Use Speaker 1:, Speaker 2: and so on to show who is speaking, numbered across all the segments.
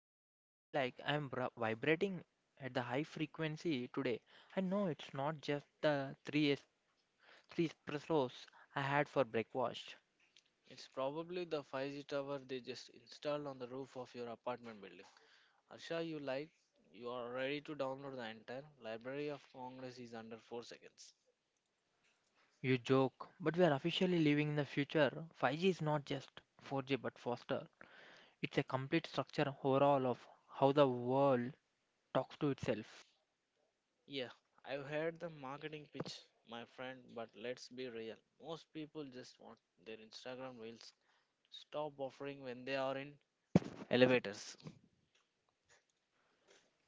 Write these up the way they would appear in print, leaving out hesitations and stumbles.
Speaker 1: honestly, I feel like vibrating at the high frequency today. I know it's not just three espressos I had for breakfast.
Speaker 2: It's probably the 5G tower they just installed on the roof of your apartment building. Harsha, you like? You are ready to download the entire Library of Congress is under 4 seconds.
Speaker 1: You joke, but we are officially living in the future. 5G is not just 4G but faster. It's a complete structure overall of how the world talks to itself.
Speaker 2: Yeah, I've heard the marketing pitch, my friend, but let's be real. Most people just want their Instagram reels stop offering when they are in elevators.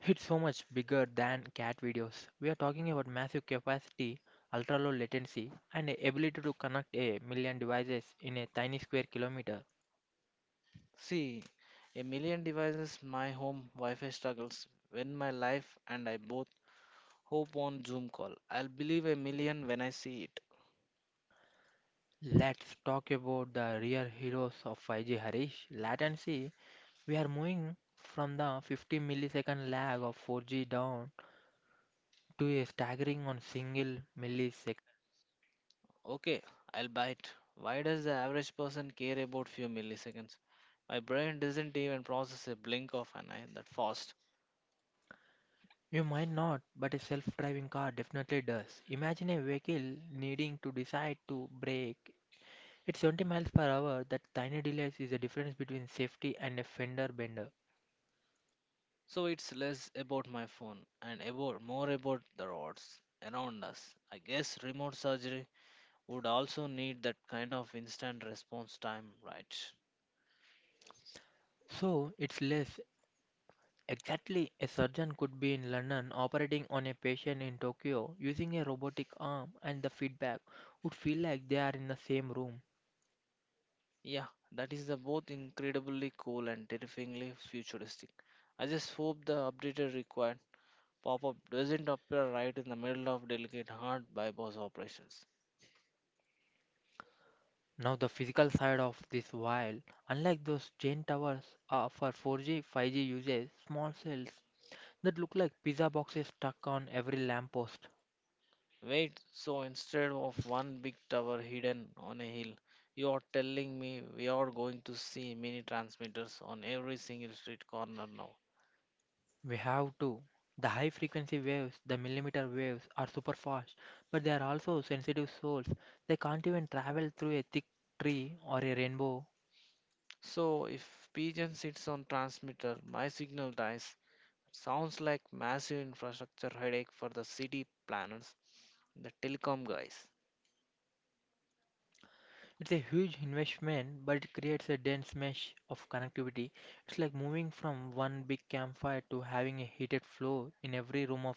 Speaker 1: It's so much bigger than cat videos. We are talking about massive capacity, ultra low latency, and the ability to connect a million devices in a tiny square kilometer.
Speaker 2: See, a million devices, my home Wi-Fi struggles when my life and I both hope on Zoom call. I'll believe a million when I see it.
Speaker 1: Let's talk about the real heroes of 5G, Harish. Latency. We are moving from the 50 millisecond lag of 4G down to a staggering on single millisecond.
Speaker 2: Okay, I'll bite. Why does the average person care about few milliseconds? My brain doesn't even process a blink of an eye that fast.
Speaker 1: You might not, but a self driving car definitely does. Imagine a vehicle needing to decide to brake at 70 miles per hour. That tiny delay is the difference between safety and a fender bender.
Speaker 2: So it's less about my phone and about more about the roads around us. I guess remote surgery would also need that kind of instant response time, right?
Speaker 1: So it's less. Exactly, a surgeon could be in London operating on a patient in Tokyo using a robotic arm, and the feedback would feel like they are in the same room.
Speaker 2: Yeah, that is the both incredibly cool and terrifyingly futuristic. I just hope the updated required pop-up doesn't appear right in the middle of delicate heart bypass operations.
Speaker 1: Now, the physical side of this while, unlike those giant towers for 4G, 5G uses small cells that look like pizza boxes stuck on every lamppost.
Speaker 2: Wait, so instead of one big tower hidden on a hill, you are telling me we are going to see mini transmitters on every single street corner now.
Speaker 1: We have to. The high frequency waves, the millimeter waves, are super fast, but they are also sensitive souls. They can't even travel through a thick tree or a rainbow.
Speaker 2: So if pigeon sits on transmitter, my signal dies. Sounds like massive infrastructure headache for the city planners, the telecom guys.
Speaker 1: It's a huge investment, but it creates a dense mesh of connectivity. It's like moving from one big campfire to having a heated floor in every room of.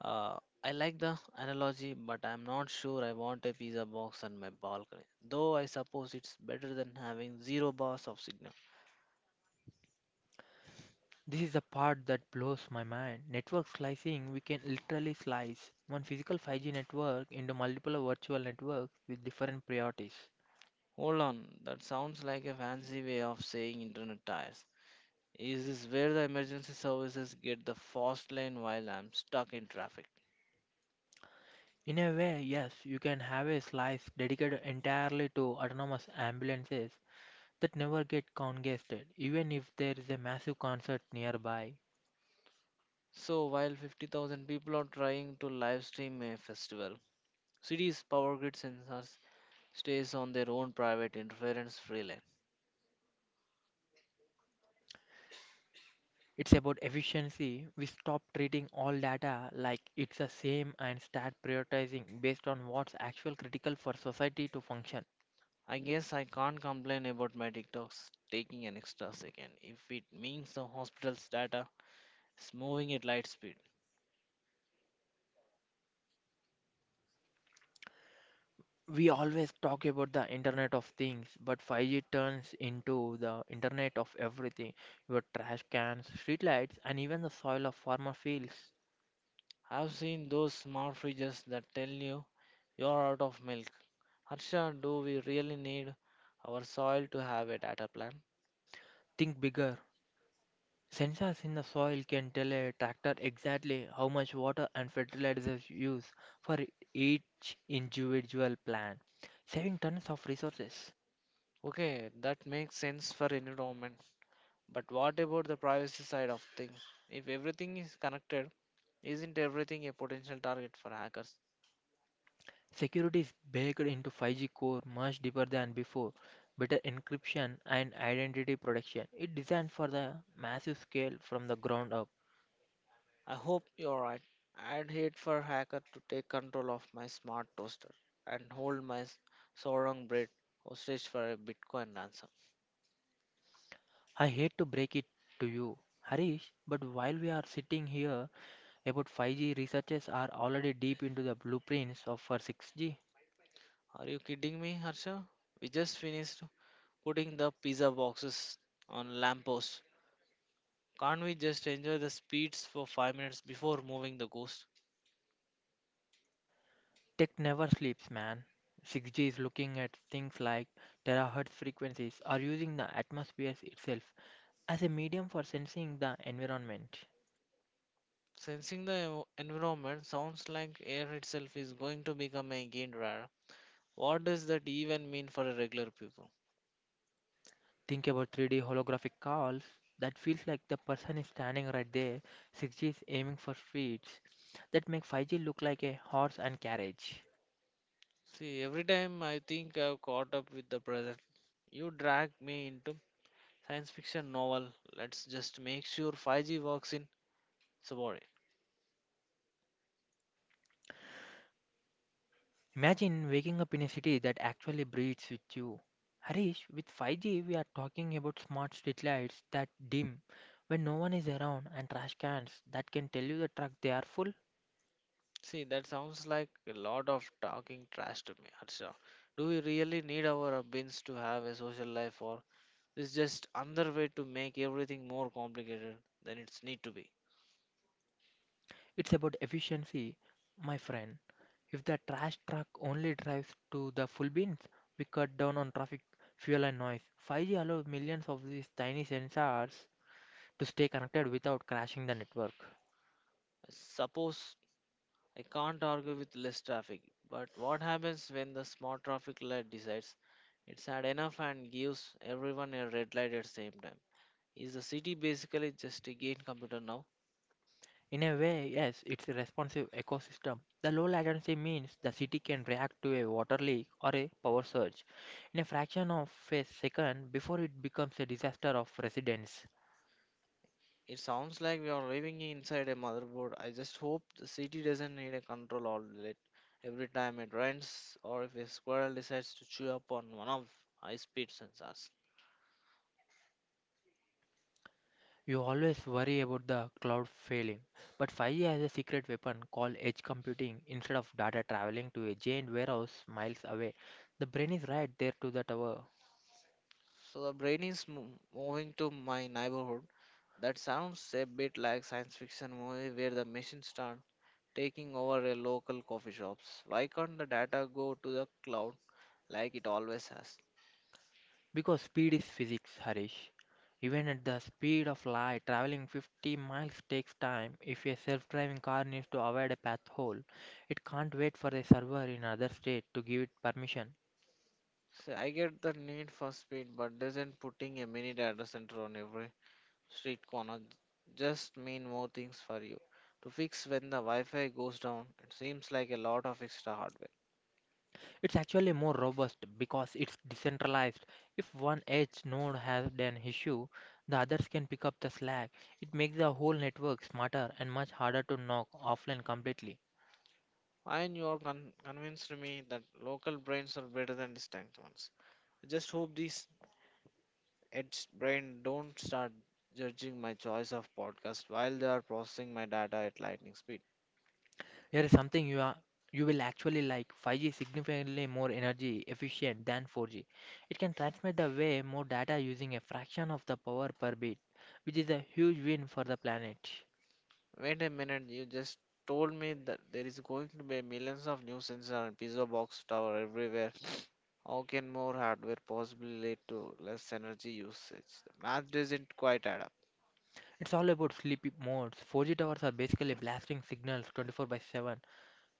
Speaker 2: Uh, I like the analogy, but I'm not sure I want a pizza box on my balcony. Though I suppose it's better than having zero bars of signal.
Speaker 1: This is the part that blows my mind. Network slicing, we can literally slice one physical 5G network into multiple virtual networks with different priorities.
Speaker 2: Hold on, that sounds like a fancy way of saying internet tires. Is this where the emergency services get the fast lane while I'm stuck in traffic?
Speaker 1: In a way, yes, you can have a slice dedicated entirely to autonomous ambulances that never get congested, even if there is a massive concert nearby.
Speaker 2: So, while 50,000 people are trying to live stream a festival, cities' power grid sensors stays on their own private interference free lane.
Speaker 1: It's about efficiency. We stop treating all data like it's the same and start prioritizing based on what's actual critical for society to function.
Speaker 2: I guess I can't complain about my TikToks taking an extra second if it means the hospital's data is moving at light speed.
Speaker 1: We always talk about the Internet of Things, but 5G turns into the Internet of everything, your trash cans, streetlights, and even the soil of farmer fields.
Speaker 2: I've seen those smart fridges that tell you you're out of milk. Harsha, do we really need our soil to have a data plan?
Speaker 1: Think bigger. Sensors in the soil can tell a tractor exactly how much water and fertilizers used for each individual plant, saving tons of resources.
Speaker 2: Okay, that makes sense for environment. But what about the privacy side of things? If everything is connected, isn't everything a potential target for hackers?
Speaker 1: Security is baked into 5G core much deeper than before, better encryption and identity protection. It's designed for the massive scale from the ground up.
Speaker 2: I hope you're right. I'd hate for a hacker to take control of my smart toaster and hold Sorong bread hostage for a Bitcoin ransom.
Speaker 1: I hate to break it to you, Harish, but while we are sitting here, about 5G researchers are already deep into the blueprints of for 6G.
Speaker 2: Are you kidding me, Harsha? We just finished putting the pizza boxes on lampposts. Can't we just enjoy the speeds for 5 minutes before moving the ghost?
Speaker 1: Tech never sleeps, man. 6G is looking at things like terahertz frequencies or using the atmosphere itself as a medium for sensing the environment.
Speaker 2: Sensing the environment sounds like air itself is going to become again rare. What does that even mean for a regular people?
Speaker 1: Think about 3D holographic calls that feels like the person is standing right there. 6G is aiming for speeds that make 5G look like a horse and carriage.
Speaker 2: See, every time I think I've caught up with the present, you drag me into science fiction novel. Let's just make sure 5G works in Subway.
Speaker 1: Imagine waking up in a city that actually breathes with you. Harish, with 5G, we are talking about smart streetlights that dim when no one is around and trash cans that can tell you the truck they are full.
Speaker 2: See, that sounds like a lot of talking trash to me, Harsha. Do we really need our bins to have a social life, or is just another way to make everything more complicated than it's need to be?
Speaker 1: It's about efficiency, my friend. If the trash truck only drives to the full bins, we cut down on traffic, fuel, and noise. 5G allows millions of these tiny sensors to stay connected without crashing the network.
Speaker 2: I suppose I can't argue with less traffic, but what happens when the small traffic light decides it's had enough and gives everyone a red light at the same time? Is the city basically just a gate computer now?
Speaker 1: In a way, yes, it's a responsive ecosystem. The low latency means the city can react to a water leak or a power surge in a fraction of a second before it becomes a disaster of residents.
Speaker 2: It sounds like we are living inside a motherboard. I just hope the city doesn't need a control outlet every time it rains or if a squirrel decides to chew up on one of high speed sensors.
Speaker 1: You always worry about the cloud failing, but 5G has a secret weapon called edge computing. Instead of data traveling to a giant warehouse miles away, the brain is right there to the tower.
Speaker 2: So the brain is moving to my neighborhood. That sounds a bit like science fiction movie where the machines start taking over a local coffee shops. Why can't the data go to the cloud like it always has?
Speaker 1: Because speed is physics, Harish. Even at the speed of light, traveling 50 miles takes time. If a self driving car needs to avoid a path hole, it can't wait for a server in another state to give it permission.
Speaker 2: See, I get the need for speed, but doesn't putting a mini data center on every street corner just mean more things for you to fix when the Wi-Fi goes down. It seems like a lot of extra hardware.
Speaker 1: It's actually more robust because it's decentralized. If one edge node has an issue, the others can pick up the slack. It makes the whole network smarter and much harder to knock offline completely.
Speaker 2: And you are convinced me that local brains are better than distant ones. I just hope these edge brain don't start judging my choice of podcast while they are processing my data at lightning speed.
Speaker 1: Here is something you will actually like. 5G is significantly more energy efficient than 4G. It can transmit the way more data using a fraction of the power per bit, which is a huge win for the planet.
Speaker 2: Wait a minute, you just told me that there is going to be millions of new sensor and pizza box tower everywhere. How can more hardware possibly lead to less energy usage? The math doesn't quite add up.
Speaker 1: It's all about sleep modes. 4G towers are basically blasting signals 24 by 7,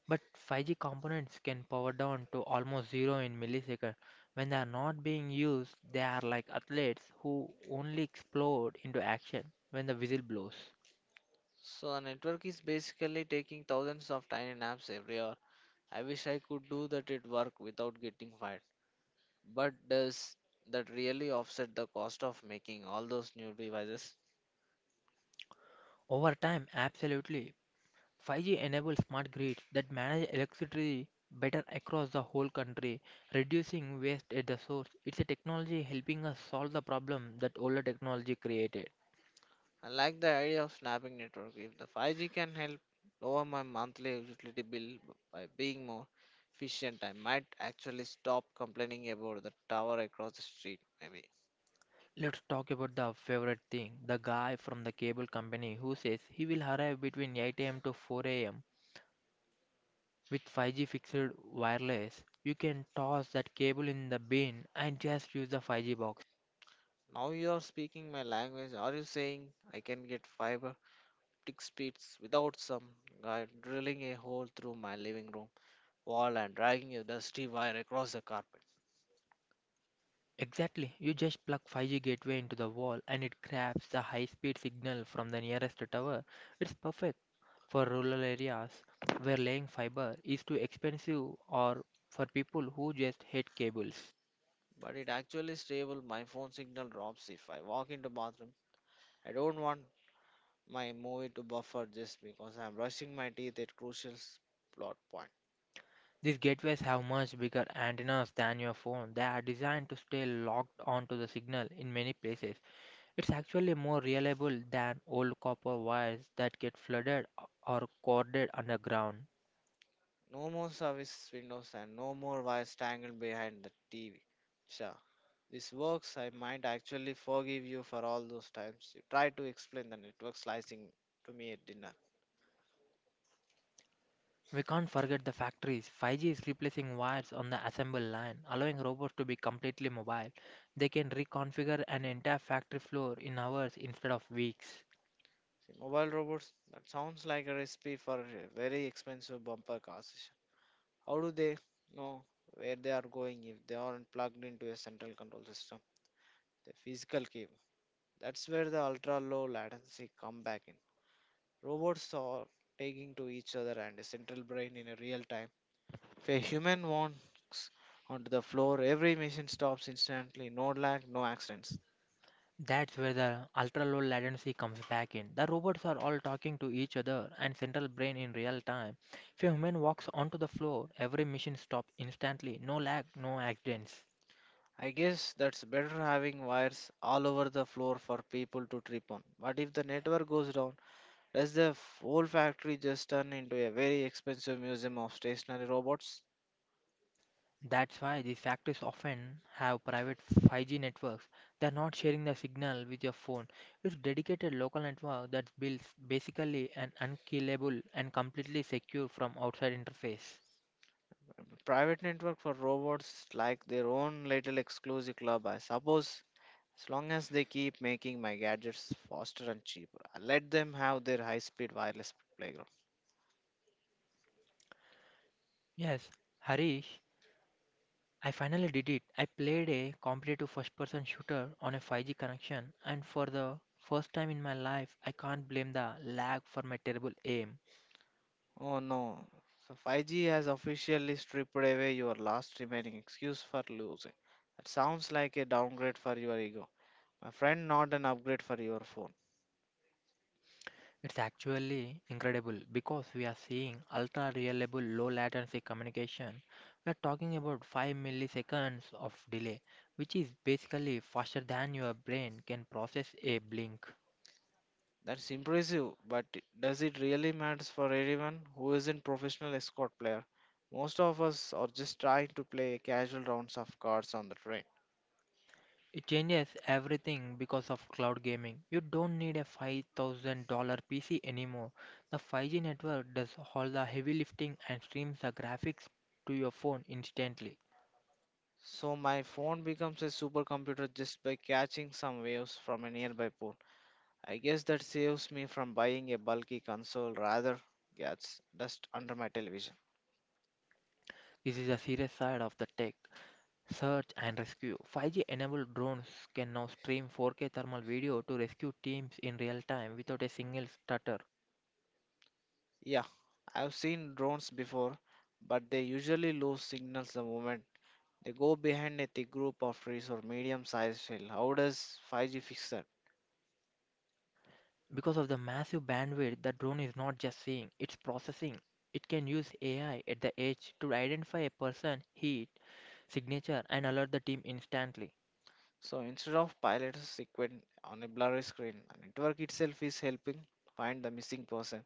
Speaker 1: but 5G components can power down to almost zero in milliseconds. When they are not being used, they are like athletes who only explode into action when the whistle blows.
Speaker 2: So a network is basically taking thousands of tiny naps every hour. I wish I could do that at work without getting fired. But does that really offset the cost of making all those new devices?
Speaker 1: Over time, absolutely. 5G enables smart grids that manage electricity better across the whole country, reducing waste at the source. It's a technology helping us solve the problem that older technology created.
Speaker 2: I like the idea of snapping network. If the 5G can help lower my monthly utility bill by being more efficient, I might actually stop complaining about the tower across the street, maybe.
Speaker 1: Let's talk about the favorite thing, the guy from the cable company who says he will arrive between 8 a.m. to 4 am. With 5G fixed wireless, you can toss that cable in the bin and just use the 5G box.
Speaker 2: Now you are speaking my language. Are you saying I can get five tick speeds without some guy drilling a hole through my living room wall and dragging a dusty wire across the carpet?
Speaker 1: Exactly. You just plug 5G gateway into the wall and it grabs the high-speed signal from the nearest tower. It's perfect for rural areas where laying fiber is too expensive or for people who just hate cables.
Speaker 2: But it actually stable. My phone signal drops if I walk into bathroom. I don't want my movie to buffer just because I'm brushing my teeth at crucial plot point.
Speaker 1: These gateways have much bigger antennas than your phone. They are designed to stay locked onto the signal in many places. It's actually more reliable than old copper wires that get flooded or corded underground.
Speaker 2: No more service windows and no more wires tangled behind the TV. Sure. This works, I might actually forgive you for all those times you tried to explain the network slicing to me at dinner.
Speaker 1: We can't forget the factories. 5G is replacing wires on the assembly line, allowing robots to be completely mobile. They can reconfigure an entire factory floor in hours instead of weeks.
Speaker 2: See, mobile robots, that sounds like a recipe for a very expensive bumper car session. How do they know where they are going if they aren't plugged into a central control system? The physical key. That's where the ultra low latency come back in. Robots are taking to each other and a central brain in a real time. If a human walks onto the floor, every machine stops instantly. No lag, no accidents.
Speaker 1: That's where the ultra low latency comes back in. The robots are all talking to each other and central brain in real time. If a human walks onto the floor, every machine stops instantly. No lag, no accidents.
Speaker 2: I guess that's better having wires all over the floor for people to trip on. But if the network goes down, does the whole factory just turn into a very expensive museum of stationary robots?
Speaker 1: That's why these factories often have private 5G networks. They're not sharing the signal with your phone. It's dedicated local network that builds basically an unkillable and completely secure from outside interface.
Speaker 2: Private network for robots is like their own little exclusive club, I suppose. As long as they keep making my gadgets faster and cheaper, I let them have their high speed wireless playground.
Speaker 1: Yes, Harish, I finally did it. I played a competitive first person shooter on a 5G connection and for the first time in my life I can't blame the lag for my terrible aim.
Speaker 2: Oh no. So 5G has officially stripped away your last remaining excuse for losing. That sounds like a downgrade for your ego. My friend, not an upgrade for your phone.
Speaker 1: It's actually incredible because we are seeing ultra reliable low latency communication. We are talking about 5 milliseconds of delay, which is basically faster than your brain can process a blink.
Speaker 2: That's impressive, but does it really matter for anyone who isn't professional escort player? Most of us are just trying to play casual rounds of cards on the train.
Speaker 1: It changes everything because of cloud gaming. You don't need a $5,000 PC anymore. The 5G network does all the heavy lifting and streams the graphics to your phone instantly.
Speaker 2: So my phone becomes a supercomputer just by catching some waves from a nearby port. I guess that saves me from buying a bulky console rather gets dust under my television.
Speaker 1: This is a serious side of the tech. Search and rescue. 5G enabled drones can now stream 4K thermal video to rescue teams in real time without a single stutter.
Speaker 2: Yeah, I've seen drones before, but they usually lose signals the moment they go behind a thick group of trees or medium sized hill. How does 5G fix that?
Speaker 1: Because of the massive bandwidth, the drone is not just seeing, it's processing. It can use AI at the edge to identify a person, heat, signature, and alert the team instantly.
Speaker 2: So instead of pilots equipment on a blurry screen, the network itself is helping find the missing person.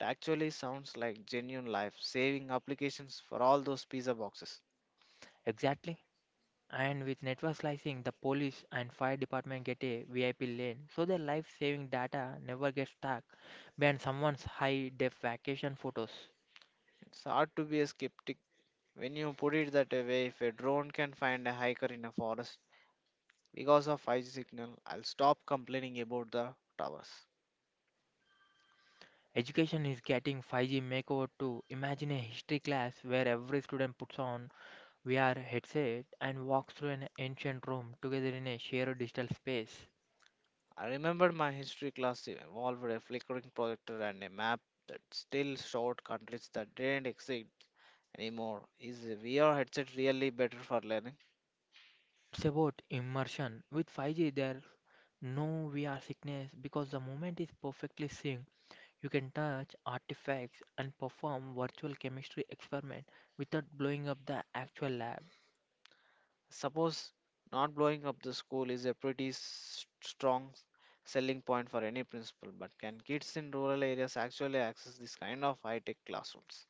Speaker 2: It actually sounds like genuine life saving applications for all those pizza boxes.
Speaker 1: Exactly. And with network slicing, the police and fire department get a VIP lane so their life saving data never gets stuck behind someone's high def vacation photos.
Speaker 2: It's hard to be a skeptic when you put it that way, if a drone can find a hiker in a forest because of 5G signal, I'll stop complaining about the towers.
Speaker 1: Education is getting 5G makeover too. Imagine a history class where every student puts on VR headset and walks through an ancient room together in a shared digital space.
Speaker 2: I remember my history class involved a flickering projector and a map that still showed countries that didn't exist anymore. Is a VR headset really better for learning?
Speaker 1: It's about immersion. With 5G, there's no VR sickness because the moment is perfectly synced. You can touch artifacts and perform virtual chemistry experiment without blowing up the actual lab.
Speaker 2: Suppose not blowing up the school is a pretty strong selling point for any principal, but can kids in rural areas actually access this kind of high tech classrooms?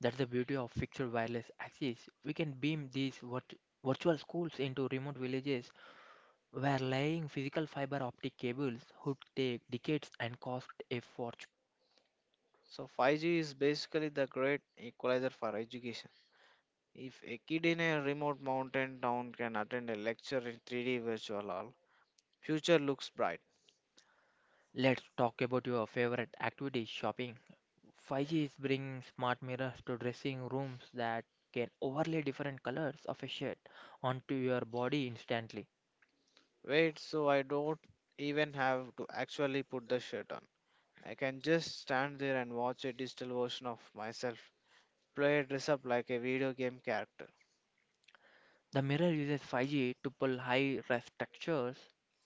Speaker 1: That's the beauty of fixed wireless access. We can beam virtual schools into remote villages where laying physical fiber optic cables would take decades and cost a fortune.
Speaker 2: So 5G is basically the great equalizer for education. If a kid in a remote mountain town can attend a lecture in 3D virtual hall, future looks bright.
Speaker 1: Let's talk about your favorite activity, shopping. 5G is bringing smart mirrors to dressing rooms that can overlay different colors of a shade onto your body instantly.
Speaker 2: Wait, so I don't even have to actually put the shirt on. I can just stand there and watch a digital version of myself play dress up like a video game character.
Speaker 1: The mirror uses 5G to pull high res textures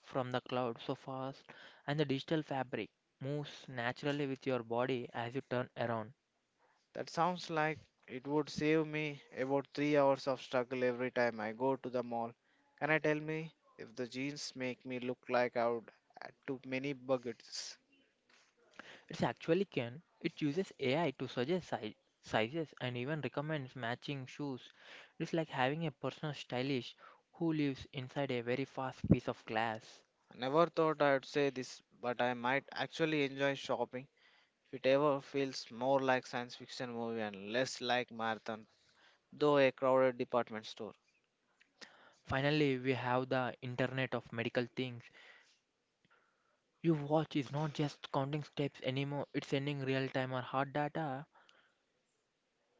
Speaker 1: from the cloud so fast, and the digital fabric moves naturally with your body as you turn around.
Speaker 2: That sounds like it would save me about 3 hours of struggle every time I go to the mall. Can I tell me if the jeans make me look like I would add too many buckets?
Speaker 1: It actually can. It uses AI to suggest sizes and even recommends matching shoes. It's like having a personal stylist who lives inside a very fast piece of glass.
Speaker 2: I never thought I'd say this, but I might actually enjoy shopping if it ever feels more like science fiction movie and less like marathon, though a crowded department store.
Speaker 1: Finally, we have the internet of medical things. Your watch is not just counting steps anymore, it's sending real time or hard data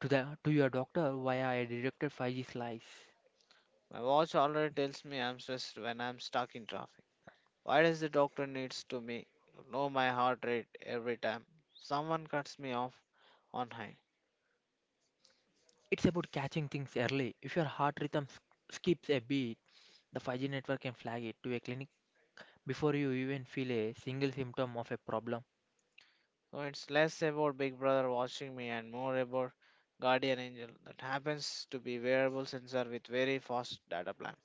Speaker 1: to your doctor via a directed 5G slice.
Speaker 2: My watch already tells me I'm stressed when I'm stuck in traffic. Why does the doctor needs to me know my heart rate every time someone cuts me off on high?
Speaker 1: It's about catching things early. If your heart rhythm skips a beat, the 5G network can flag it to a clinic. Before you even feel a single symptom of a problem,
Speaker 2: So it's less about Big Brother watching me and more about Guardian Angel that happens to be wearable sensor with very fast data plan.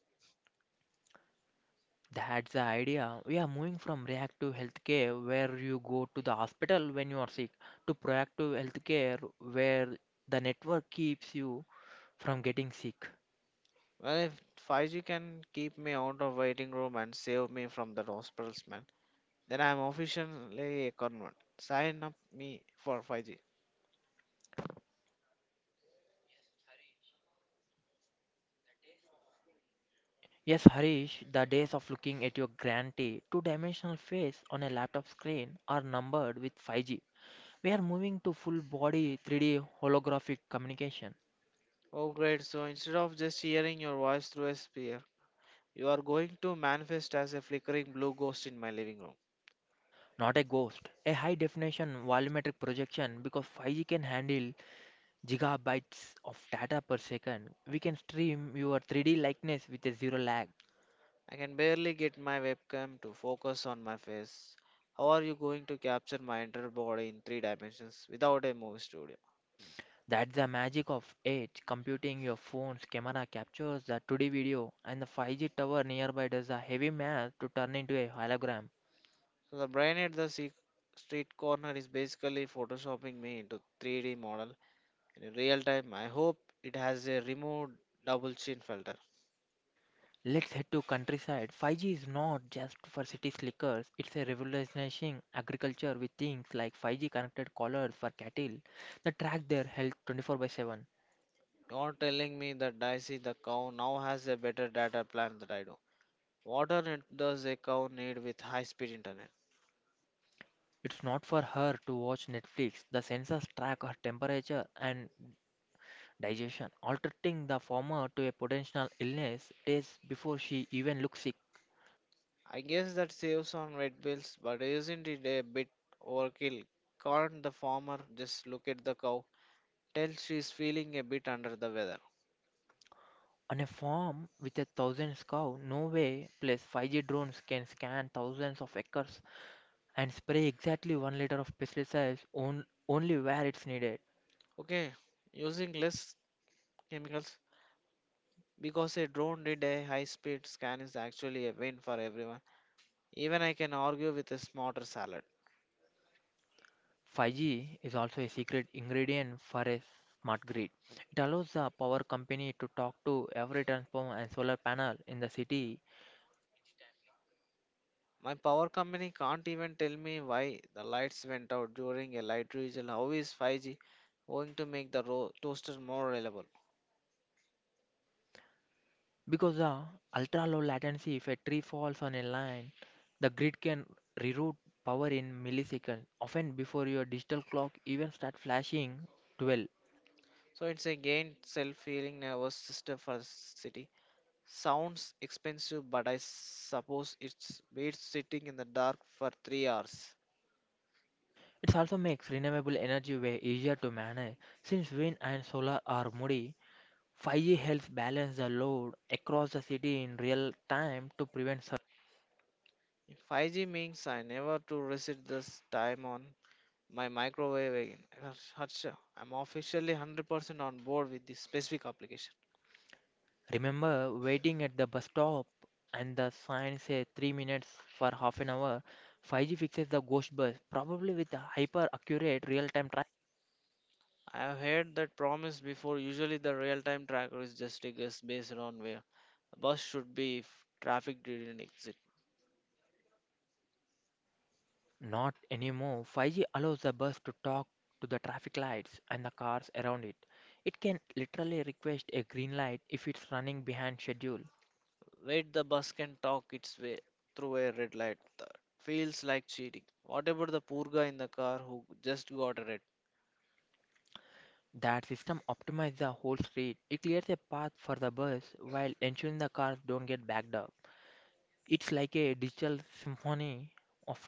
Speaker 1: that's the idea. We are moving from reactive healthcare, where you go to the hospital when you are sick, to proactive healthcare, where the network keeps you from getting sick.
Speaker 2: Well, if 5G can keep me out of waiting room and save me from the hospital smell, then I'm officially a convert. Sign up me for 5G.
Speaker 1: Yes, Harish, the days of looking at your grantee two dimensional face on a laptop screen are numbered with 5G. We are moving to full body 3D holographic communication.
Speaker 2: Oh great! So instead of just hearing your voice through a You are going to manifest as a flickering blue ghost in my living room.
Speaker 1: Not a ghost, a high definition volumetric projection because 5G can handle gigabytes of data per second. We can stream your 3D likeness with a zero lag.
Speaker 2: I can barely get my webcam to focus on my face. How are you going to capture my entire body in three dimensions without a movie studio?
Speaker 1: That's the magic of edge computing. Your phone's camera captures the 2D video, and the 5G tower nearby does a heavy math to turn into a hologram.
Speaker 2: So the brain at the street corner is basically photoshopping me into 3D model in real time. I hope it has a removed double chin filter.
Speaker 1: Let's head to countryside. 5G is not just for city slickers, it's a revolutionizing agriculture with things like 5G connected collars for cattle that track their health 24 by 7.
Speaker 2: You're telling me that Dicey the cow now has a better data plan than I do. What on earth does a cow need with high speed internet?
Speaker 1: It's not for her to watch Netflix. The sensors track her temperature and digestion, altering the former to a potential illness days before she even looks sick.
Speaker 2: I guess that saves on red bills, but isn't it a bit overkill? Can't the farmer just look at the cow, tell she's feeling a bit under the weather?
Speaker 1: On a farm with 1,000 cows, no way. Plus, 5G drones can scan thousands of acres and spray exactly 1 liter of pesticides on, only where it's needed.
Speaker 2: Okay, using less chemicals because a drone did a high speed scan is actually a win for everyone. Even I can argue with a smarter salad.
Speaker 1: 5G is also a secret ingredient for a smart grid. It allows the power company to talk to every transformer and solar panel in the city.
Speaker 2: My power company can't even tell me why the lights went out during a light vigil. How is 5G going to make the toaster more reliable?
Speaker 1: Because the ultra low latency, if a tree falls on a line, the grid can reroute power in milliseconds, often before your digital clock even start flashing 12.
Speaker 2: So it's again self-healing nervous system for the city. Sounds expensive, but I suppose it's beats sitting in the dark for 3 hours.
Speaker 1: It also makes renewable energy way easier to manage since wind and solar are moody. 5G helps balance the load across the city in real time to prevent.
Speaker 2: 5G means I never to reset this time on my microwave again. Harsha, I'm officially 100% on board with this specific application.
Speaker 1: Remember waiting at the bus stop and the sign says 3 minutes for half an hour? 5G fixes the ghost bus, probably with a hyper accurate real time traffic.
Speaker 2: I have heard that promise before. Usually, the real-time tracker is just a guess based on where a bus should be if traffic didn't exist.
Speaker 1: Not anymore. 5G allows the bus to talk to the traffic lights and the cars around it. It can literally request a green light if it's running behind schedule.
Speaker 2: Wait, the bus can talk its way through a red light. That feels like cheating. What about the poor guy in the car who just got a red?
Speaker 1: That system optimizes the whole street. It clears a path for the bus while ensuring the cars don't get backed up. It's like a digital symphony of.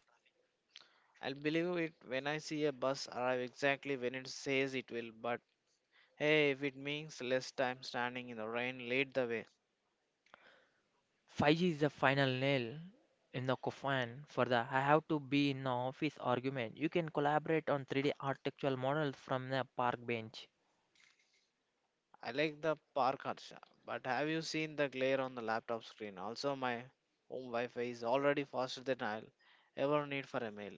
Speaker 2: I'll believe it when I see a bus arrive exactly when it says it will, but hey, if it means less time standing in the rain, lead the way.
Speaker 1: 5G is the final nail in the coffin for the "I have to be in the office" argument. You can collaborate on 3D architectural models from the park bench.
Speaker 2: I like the park, Harsha, but have you seen the glare on the laptop screen? Also, my home Wi Fi is already faster than I'll ever need for a mail.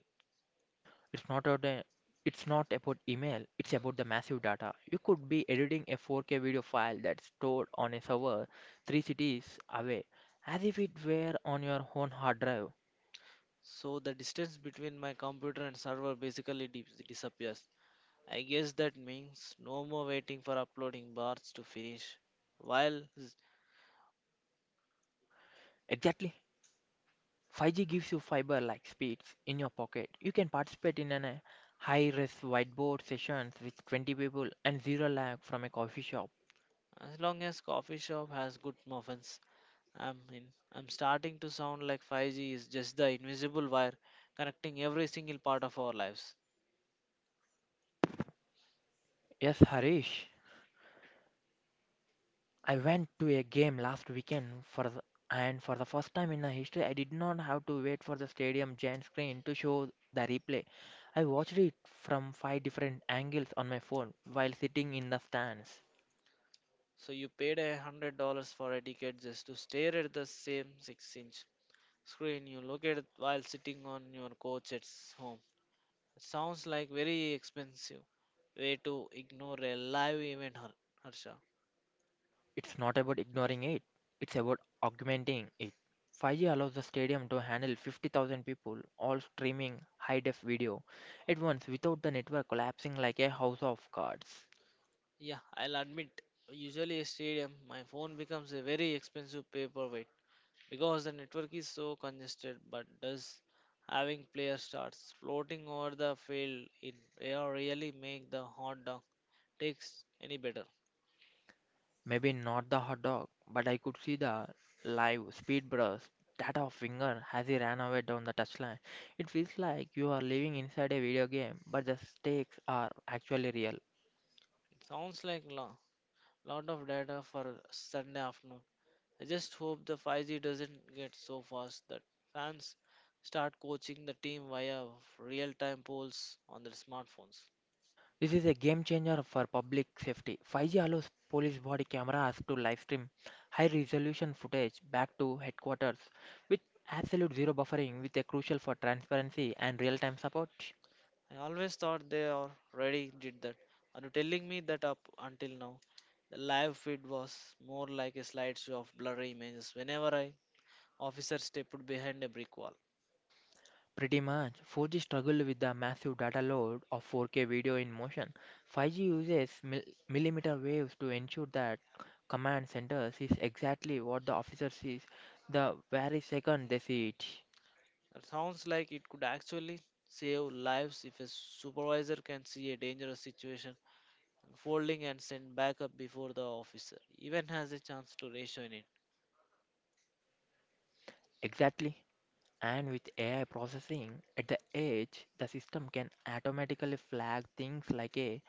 Speaker 1: It's not about a, it's not about email, it's about the massive data. You could be editing a 4K video file that's stored on a server three cities away as if it were on your own hard drive.
Speaker 2: So, the distance between my computer and server basically disappears. I guess that means no more waiting for uploading bars to finish. While s-
Speaker 1: Exactly. 5G gives you fiber like speeds in your pocket. You can participate in a high risk whiteboard sessions with 20 people and zero lag from a coffee shop.
Speaker 2: as long as coffee shop has good muffins, I'm in. I'm starting to sound like 5G is just the invisible wire connecting every single part of our lives.
Speaker 1: Yes, Harish. I went to a game last weekend and for the first time in my history I did not have to wait for the stadium giant screen to show the replay. I watched it from five different angles on my phone while sitting in the stands.
Speaker 2: So you paid $100 for a ticket just to stare at the same six-inch screen you look at while sitting on your couch at home. It sounds like very expensive way to ignore a live event, Harsha.
Speaker 1: It's not about ignoring it, it's about augmenting it. 5G allows the stadium to handle 50,000 people all streaming high def video at once without the network collapsing like a house of cards.
Speaker 2: Yeah, I'll admit, usually a stadium, my phone becomes a very expensive paperweight because the network is so congested. But does having player starts floating over the field in air really make the hot dog takes any better? It
Speaker 1: Maybe not the hot dog, but I could see the live speed burst that of Winger as he ran away down the touchline. It feels like you are living inside a video game, but the stakes are actually real.
Speaker 2: sounds like a lot of data for Sunday afternoon. I just hope the 5G doesn't get so fast that fans start coaching the team via real-time polls on their smartphones.
Speaker 1: This is a game changer for public safety. 5G allows police body cameras to live stream high resolution footage back to headquarters with absolute zero buffering with a crucial for transparency and real time support.
Speaker 2: I always thought they already did that. Are you telling me that up until now? The live feed was more like a slideshow of blurry images whenever I officer stepped behind a brick wall.
Speaker 1: Pretty much, 4G struggled with the massive data load of 4K video in motion. 5G uses millimeter waves to ensure that command center sees exactly what the officer sees the very second they see it.
Speaker 2: That sounds like it could actually save lives if a supervisor can see a dangerous situation unfolding and send backup before the officer even has a chance to ration it.
Speaker 1: Exactly. And with AI processing at the edge, the system can automatically flag things like a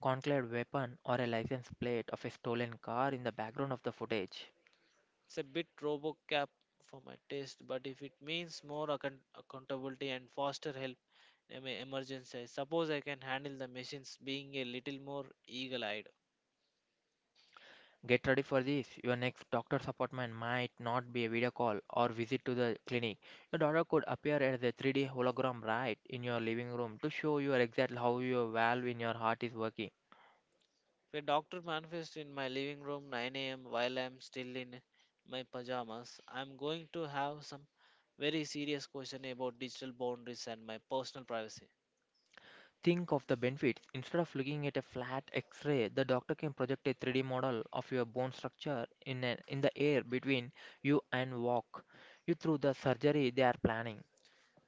Speaker 1: conclave weapon or a license plate of a stolen car in the background of the footage.
Speaker 2: It's a bit RoboCap for my taste, but if it means more accountability and faster help in a emergency, I suppose I can handle the machines being a little more eagle-eyed.
Speaker 1: Get ready for this. Your next doctor's appointment might not be a video call or visit to the clinic. Your daughter could appear as a 3D hologram right in your living room to show you exactly how your valve in your heart is working.
Speaker 2: If a doctor manifests in my living room 9 a.m. while I'm still in my pajamas, I'm going to have some very serious question about digital boundaries and my personal privacy.
Speaker 1: Think of the benefits. Instead of looking at a flat X-ray, the doctor can project a 3D model of your bone structure in the air between you and walk you through the surgery they are planning.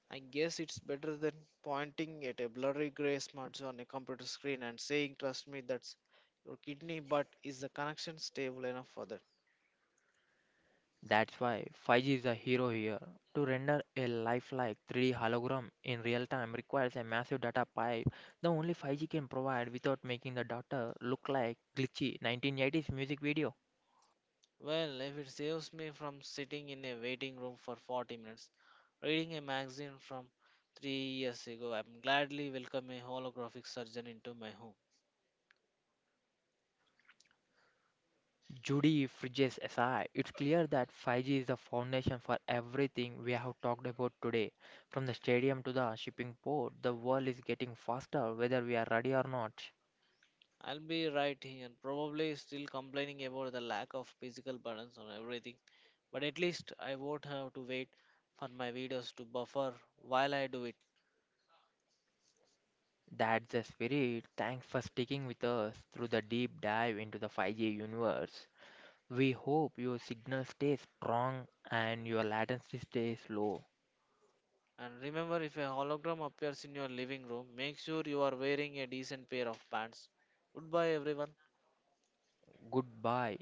Speaker 2: I guess it's better than pointing at a blurry gray smudge on a computer screen and saying, "Trust me, that's your kidney," but is the connection stable enough for that?
Speaker 1: That's why 5G is a hero here. To render a lifelike 3D hologram in real time requires a massive data pipe the only 5G can provide without making the doctor look like glitchy 1980s music video.
Speaker 2: Well, if it saves me from sitting in a waiting room for 40 minutes, reading a magazine from 3 years ago, I'm gladly welcome a holographic surgeon into my home.
Speaker 1: Judy Fridges aside, it's clear that 5G is the foundation for everything we have talked about today. From the stadium to the shipping port, the world is getting faster whether we are ready or not.
Speaker 2: I'll be right here, probably still complaining about the lack of physical balance on everything, but at least I won't have to wait for my videos to buffer while I do it.
Speaker 1: That's the spirit. Thanks for sticking with us through the deep dive into the 5G universe. We hope your signal stays strong and your latency stays low.
Speaker 2: And remember, if a hologram appears in your living room, make sure you are wearing a decent pair of pants. Goodbye, everyone.
Speaker 1: Goodbye.